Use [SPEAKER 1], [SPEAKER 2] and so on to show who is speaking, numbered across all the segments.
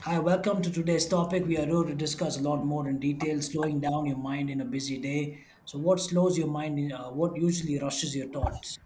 [SPEAKER 1] Hi, welcome to today's topic. We are going to discuss a lot more in detail, slowing down your mind in a busy day. So, what slows your mind? In, what usually rushes your thoughts?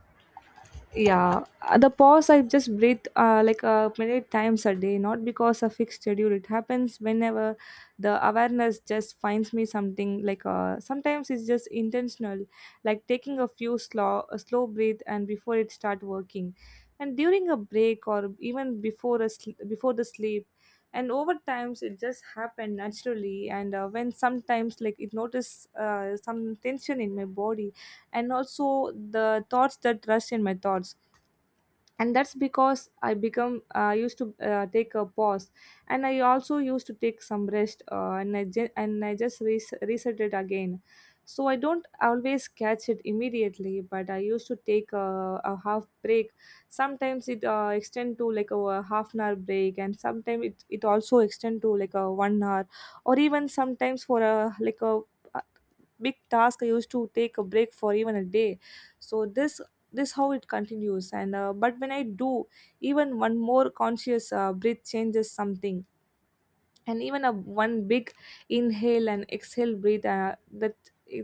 [SPEAKER 2] Yeah, the pause I just breathe like many times a day, not because of fixed schedule. It happens whenever the awareness just finds me something like sometimes it's just intentional, like taking a slow breath and before it start working, and during a break or even before before the sleep, and over times it just happened naturally. And when sometimes like it notice some tension in my body and also the thoughts that rush in my thoughts and that's because I become used to take a pause and I also used to take some rest and and I just reset it again, so I don't always catch it immediately, but I used to take a half break. Sometimes it extend to like a half an hour break, and sometimes it also extend to like a 1 hour, or even sometimes for a like a big task I used to take a break for even a day. So this how it continues, and but when I do even one more conscious breath changes something, and even a one big inhale and exhale breathe that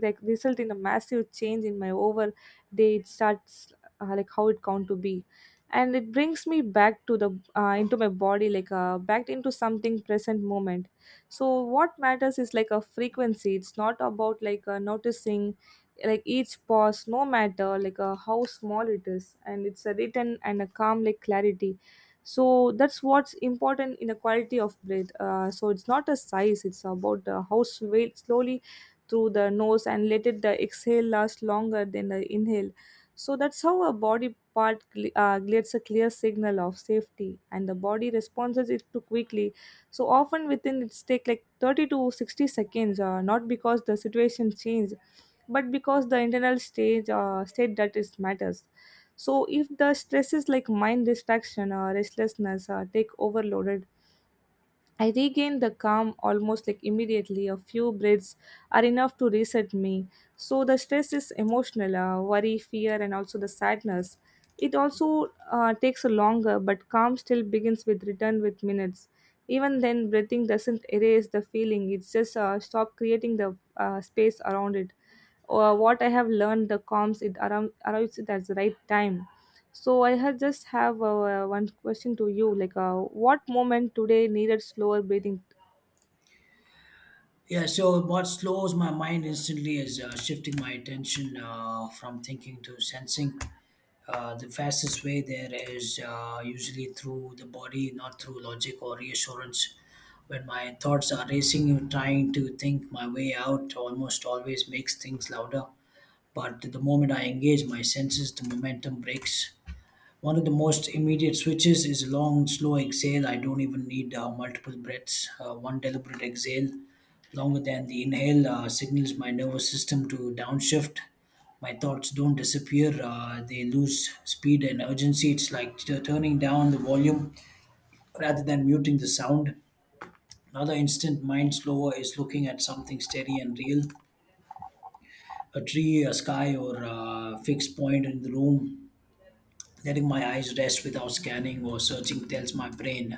[SPEAKER 2] like result in a massive change in my over day. It starts like how it count to be, and it brings me back to the into my body, like back into something present moment. So what matters is like a frequency. It's not about like noticing like each pause, no matter like how small it is, and it's a written and a calm like clarity. So that's what's important in the quality of breath, so it's not a size, it's about how slowly through the nose, and let it the exhale last longer than the inhale. So that's how a body part gets a clear signal of safety, and the body responses it too quickly. So often within it's take like 30 to 60 seconds, not because the situation changed, but because the internal stage state that is matters. So if the stress is like mind distraction or restlessness or take overloaded, I regain the calm almost like immediately. A few breaths are enough to reset me. So the stress is emotional, worry, fear, and also the sadness. It also takes longer, but calm still begins with return with minutes. Even then, breathing doesn't erase the feeling. It's just stop creating the space around it. What I have learned, the calms it around arrives at the right time, so I had just have one question to you, like what moment today needed slower breathing?
[SPEAKER 1] Yeah. So, what slows my mind instantly is shifting my attention from thinking to sensing. The fastest way there is usually through the body, not through logic or reassurance. When my thoughts are racing, trying to think my way out almost always makes things louder, but the moment I engage my senses, the momentum breaks. One of the most immediate switches is a long, slow exhale. I don't even need multiple breaths. One deliberate exhale, longer than the inhale, signals my nervous system to downshift. My thoughts don't disappear, they lose speed and urgency. It's like turning down the volume rather than muting the sound. Another instant mind slower is looking at something steady and real: a tree, a sky, or a fixed point in the room. Letting my eyes rest without scanning or searching tells my brain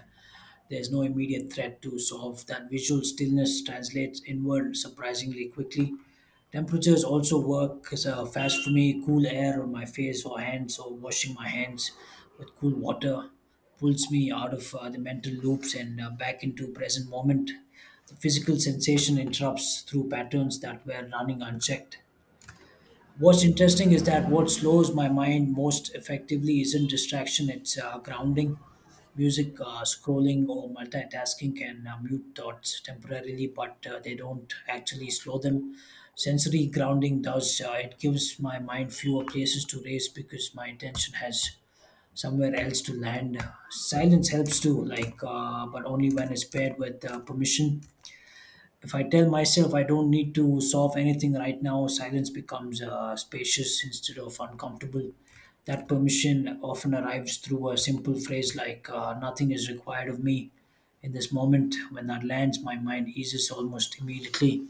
[SPEAKER 1] there's no immediate threat to solve. That visual stillness translates inward surprisingly quickly. Temperatures also work as a fast for me. Cool air on my face or hands, or washing my hands with cool water, pulls me out of the mental loops and back into present moment. The physical sensation interrupts through patterns that were running unchecked. What's interesting is that what slows my mind most effectively isn't distraction, it's grounding. Music, scrolling, or multitasking can mute thoughts temporarily, but they don't actually slow them. Sensory grounding does, it gives my mind fewer places to race because my attention has somewhere else to land. Silence helps too, like, but only when it's paired with permission. If I tell myself I don't need to solve anything right now, silence becomes spacious instead of uncomfortable. That permission often arrives through a simple phrase like, "Nothing is required of me in this moment." When that lands, my mind eases almost immediately.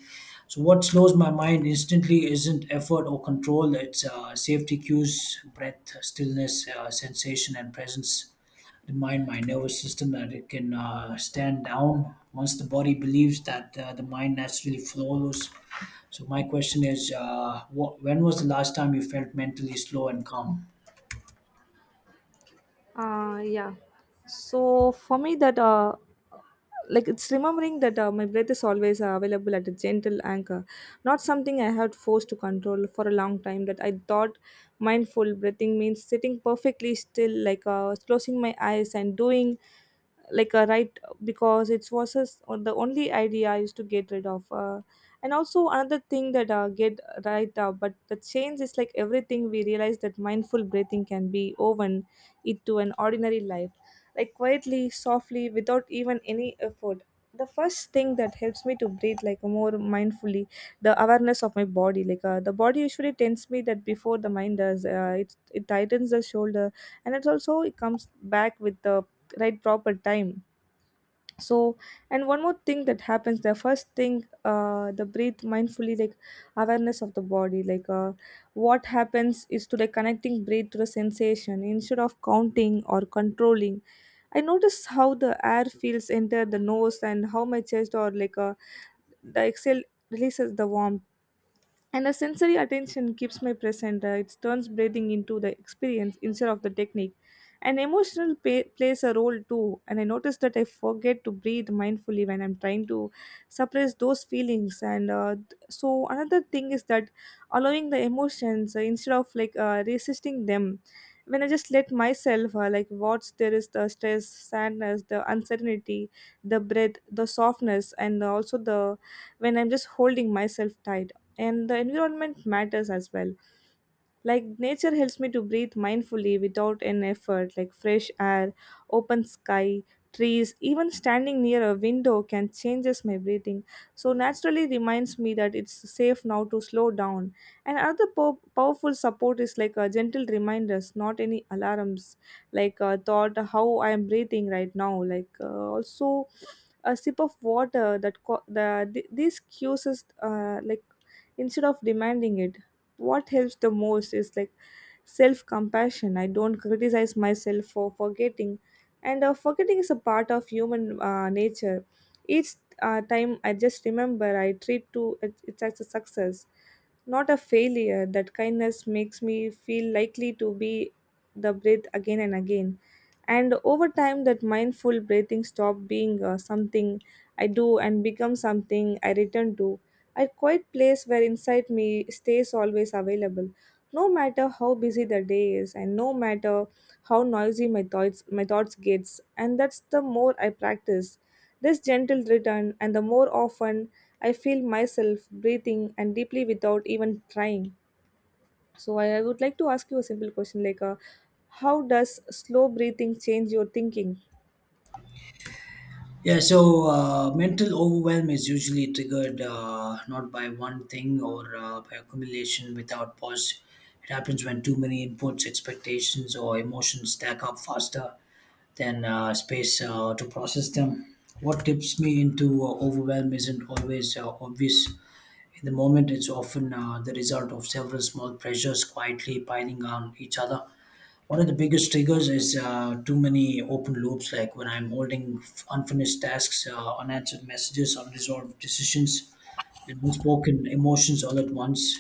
[SPEAKER 1] So, what slows my mind instantly isn't effort or control, it's safety cues, breath, stillness, sensation, and presence remind my nervous system that it can stand down. Once the body believes that, the mind naturally follows. So my question is, when was the last time you felt mentally slow and calm?
[SPEAKER 2] Yeah. So for me, that like it's remembering that my breath is always available at a gentle anchor, not something I had forced to control for a long time. That I thought mindful breathing means sitting perfectly still, like closing my eyes and doing like a right, because it was just on the only idea I used to get rid of. And also another thing that get right, but the change is like everything we realize that mindful breathing can be woven into an ordinary life, like quietly softly without even any effort. The first thing that helps me to breathe like more mindfully, the awareness of my body, like the body usually tends me that before the mind does, it tightens the shoulder, and it also it comes back with the right proper time. So, and one more thing that happens, the first thing, the breathe mindfully, like awareness of the body, like what happens is to like connecting breath to the sensation instead of counting or controlling. I notice how the air feels enter the nose, and how my chest or like the exhale releases the warmth, and the sensory attention keeps my present. It turns breathing into the experience instead of the technique. And emotional plays a role too. And I notice that I forget to breathe mindfully when I'm trying to suppress those feelings. And so another thing is that allowing the emotions, instead of like resisting them. When I just let myself like watch, there is the stress, sadness, the uncertainty, the breath, the softness, and also the when I'm just holding myself tight. And the environment matters as well, like nature helps me to breathe mindfully without an effort, like fresh air, open sky, trees. Even standing near a window can changes my breathing, so naturally reminds me that it's safe now to slow down. And other powerful support is like a gentle reminders, not any alarms, like a thought, how I am breathing right now, like also a sip of water that these cues is, like instead of demanding it. What helps the most is like self compassion. I don't criticize myself for forgetting, and forgetting is a part of human nature. Each time I just remember, I treat to it's as a success, not a failure. That kindness makes me feel likely to be the breath again and again. And over time, that mindful breathing stop being something I do and become something I return to, a quiet place where inside me stays always available, no matter how busy the day is, and no matter how noisy my thoughts gets. And that's the more I practice this gentle return and the more often I feel myself breathing and deeply without even trying. So I would like to ask you a simple question, like how does slow breathing change your thinking?
[SPEAKER 1] Yeah, so mental overwhelm is usually triggered not by one thing, or by accumulation without pause. It happens when too many inputs, expectations, or emotions stack up faster than space to process them. What tips me into overwhelm isn't always obvious. In the moment, it's often the result of several small pressures quietly piling on each other. One of the biggest triggers is too many open loops, like when I'm holding unfinished tasks, unanswered messages, unresolved decisions, and unspoken emotions all at once.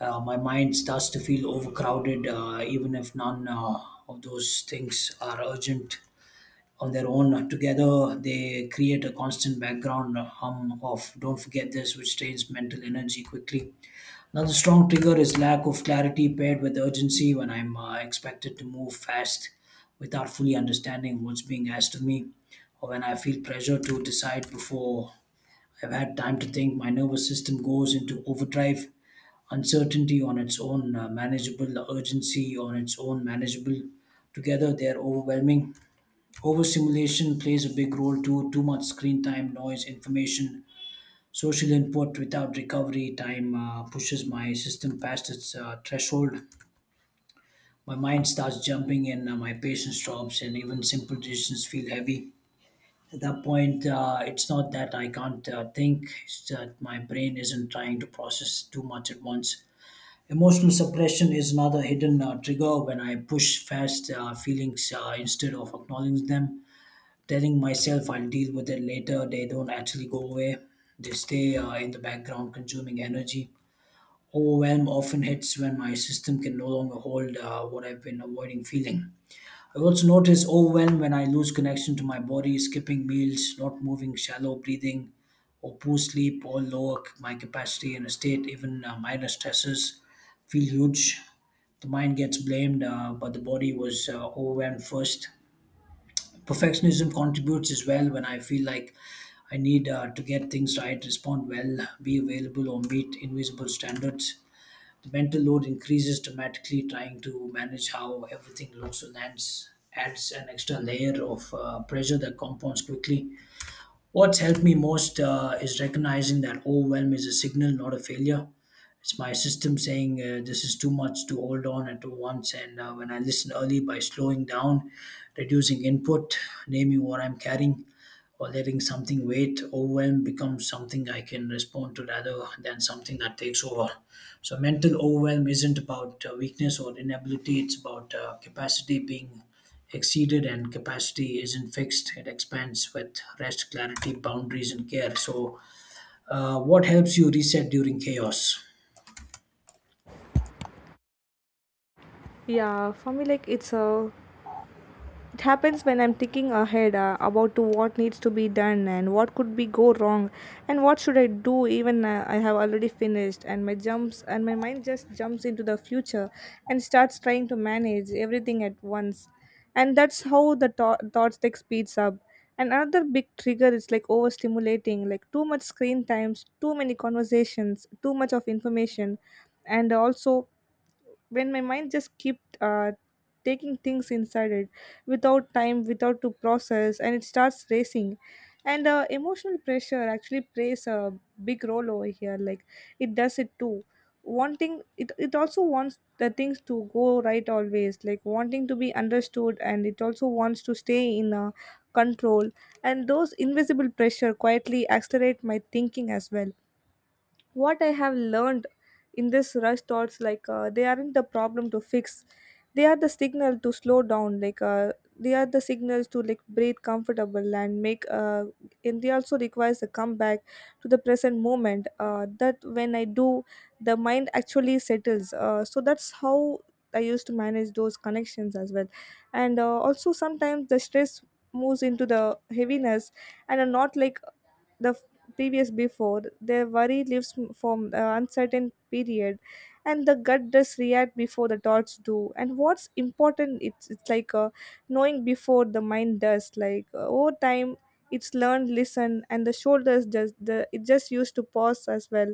[SPEAKER 1] My mind starts to feel overcrowded, even if none of those things are urgent on their own. Together, they create a constant background hum of "Don't forget this," which drains mental energy quickly. Another strong trigger is lack of clarity paired with urgency. When I'm expected to move fast without fully understanding what's being asked of me, or when I feel pressure to decide before I've had time to think, my nervous system goes into overdrive. Uncertainty on its own, manageable; urgency on its own, manageable. Together, they're overwhelming. Overstimulation plays a big role too. Too much screen time, noise, information, social input without recovery time pushes my system past its threshold. My mind starts jumping and my patience drops, and even simple decisions feel heavy. At that point, it's not that I can't think, it's that my brain isn't trying to process too much at once. Emotional suppression is another hidden trigger. When I push fast feelings instead of acknowledging them, telling myself I'll deal with it later, they don't actually go away, they stay in the background, consuming energy. Overwhelm often hits when my system can no longer hold what I've been avoiding feeling. I also notice overwhelm when I lose connection to my body. Skipping meals, not moving, shallow breathing, or poor sleep, all lower my capacity. In a state, even minor stresses feel huge. The mind gets blamed, but the body was overwhelmed first. Perfectionism contributes as well. When I feel like I need to get things right, respond well, be available, or meet invisible standards, the mental load increases dramatically. Trying to manage how everything looks and lands adds an extra layer of pressure that compounds quickly. What's helped me most is recognizing that overwhelm is a signal, not a failure. It's my system saying, this is too much to hold on at once. And when I listen early by slowing down, reducing input, naming what I'm carrying, or letting something wait, overwhelm becomes something I can respond to rather than something that takes over. So, mental overwhelm isn't about weakness or inability, it's about capacity being exceeded. And capacity isn't fixed, it expands with rest, clarity, boundaries, and care. So what helps you reset during chaos?
[SPEAKER 2] Yeah, for me like it's a, it happens when I'm thinking ahead, about to what needs to be done and what could be go wrong and what should I do, even I have already finished, and my jumps and my mind just jumps into the future and starts trying to manage everything at once. And that's how the thoughts like speeds up. And another big trigger is like overstimulating, like too much screen times, too many conversations, too much of information. And also when my mind just keep taking things inside it without time without to process, and it starts racing. And emotional pressure actually plays a big role over here, like it does it too. Wanting it, also wants the things to go right always, like wanting to be understood, and it also wants to stay in control. And those invisible pressure quietly accelerate my thinking as well. What I have learned in this rush thoughts, like they aren't the problem to fix, they are the signal to slow down, like they are the signals to like breathe comfortable and make, and they also requires a comeback to the present moment, that when I do, the mind actually settles. So that's how I used to manage those connections as well. And also sometimes the stress moves into the heaviness and are not like the f- previous, before their worry lives from the uncertain period. And the gut does react before the thoughts do, and what's important, it's like knowing before the mind does, like over time it's learned listen, and the shoulders just the it just used to pause as well.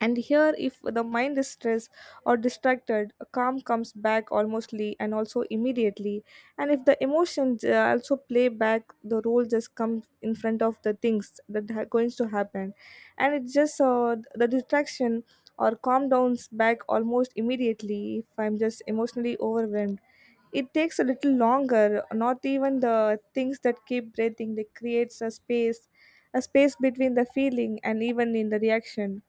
[SPEAKER 2] And here, if the mind is stressed or distracted, calm comes back almostly and also immediately. And if the emotions also play back, the role just comes in front of the things that are going to happen. And it's just the distraction or calm downs back almost immediately if I'm just emotionally overwhelmed. It takes a little longer, not even the things that keep breathing, they creates a space between the feeling and even in the reaction,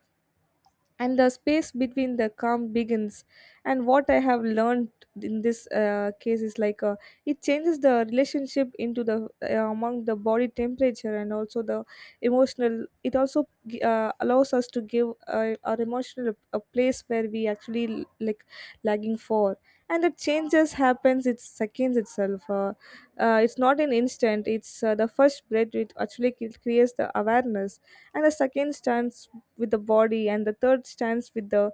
[SPEAKER 2] and the space between the calm begins. And what I have learned in this case is, like it changes the relationship into the among the body temperature and also the emotional. It also allows us to give our emotional a place where we actually like lagging for. And the changes happens it seconds itself, it's not an instant, it's the first breath it actually creates the awareness, and the second stands with the body, and the third stands with the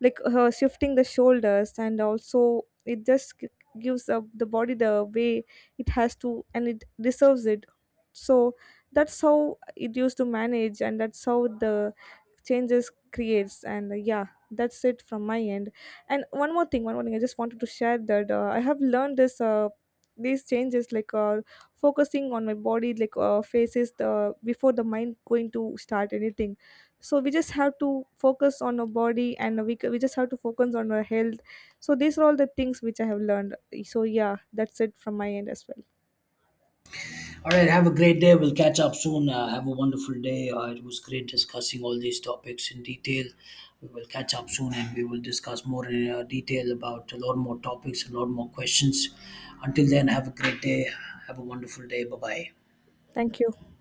[SPEAKER 2] like her shifting the shoulders, and also it just gives up the body the way it has to and it deserves it. So that's how it used to manage, and that's how the changes creates, and yeah, that's it from my end. And one more thing I just wanted to share, that I have learned this, these changes, like focusing on my body, like faces the before the mind going to start anything. So we just have to focus on our body, and we just have to focus on our health. So these are all the things which I have learned. So yeah, that's it from my end as well.
[SPEAKER 1] All right, have a great day, we'll catch up soon. Have a wonderful day. It was great discussing all these topics in detail. We will catch up soon and we will discuss more in detail about a lot more topics, a lot more questions. Until then, have a great day. Have a wonderful day. Bye bye.
[SPEAKER 2] Thank you.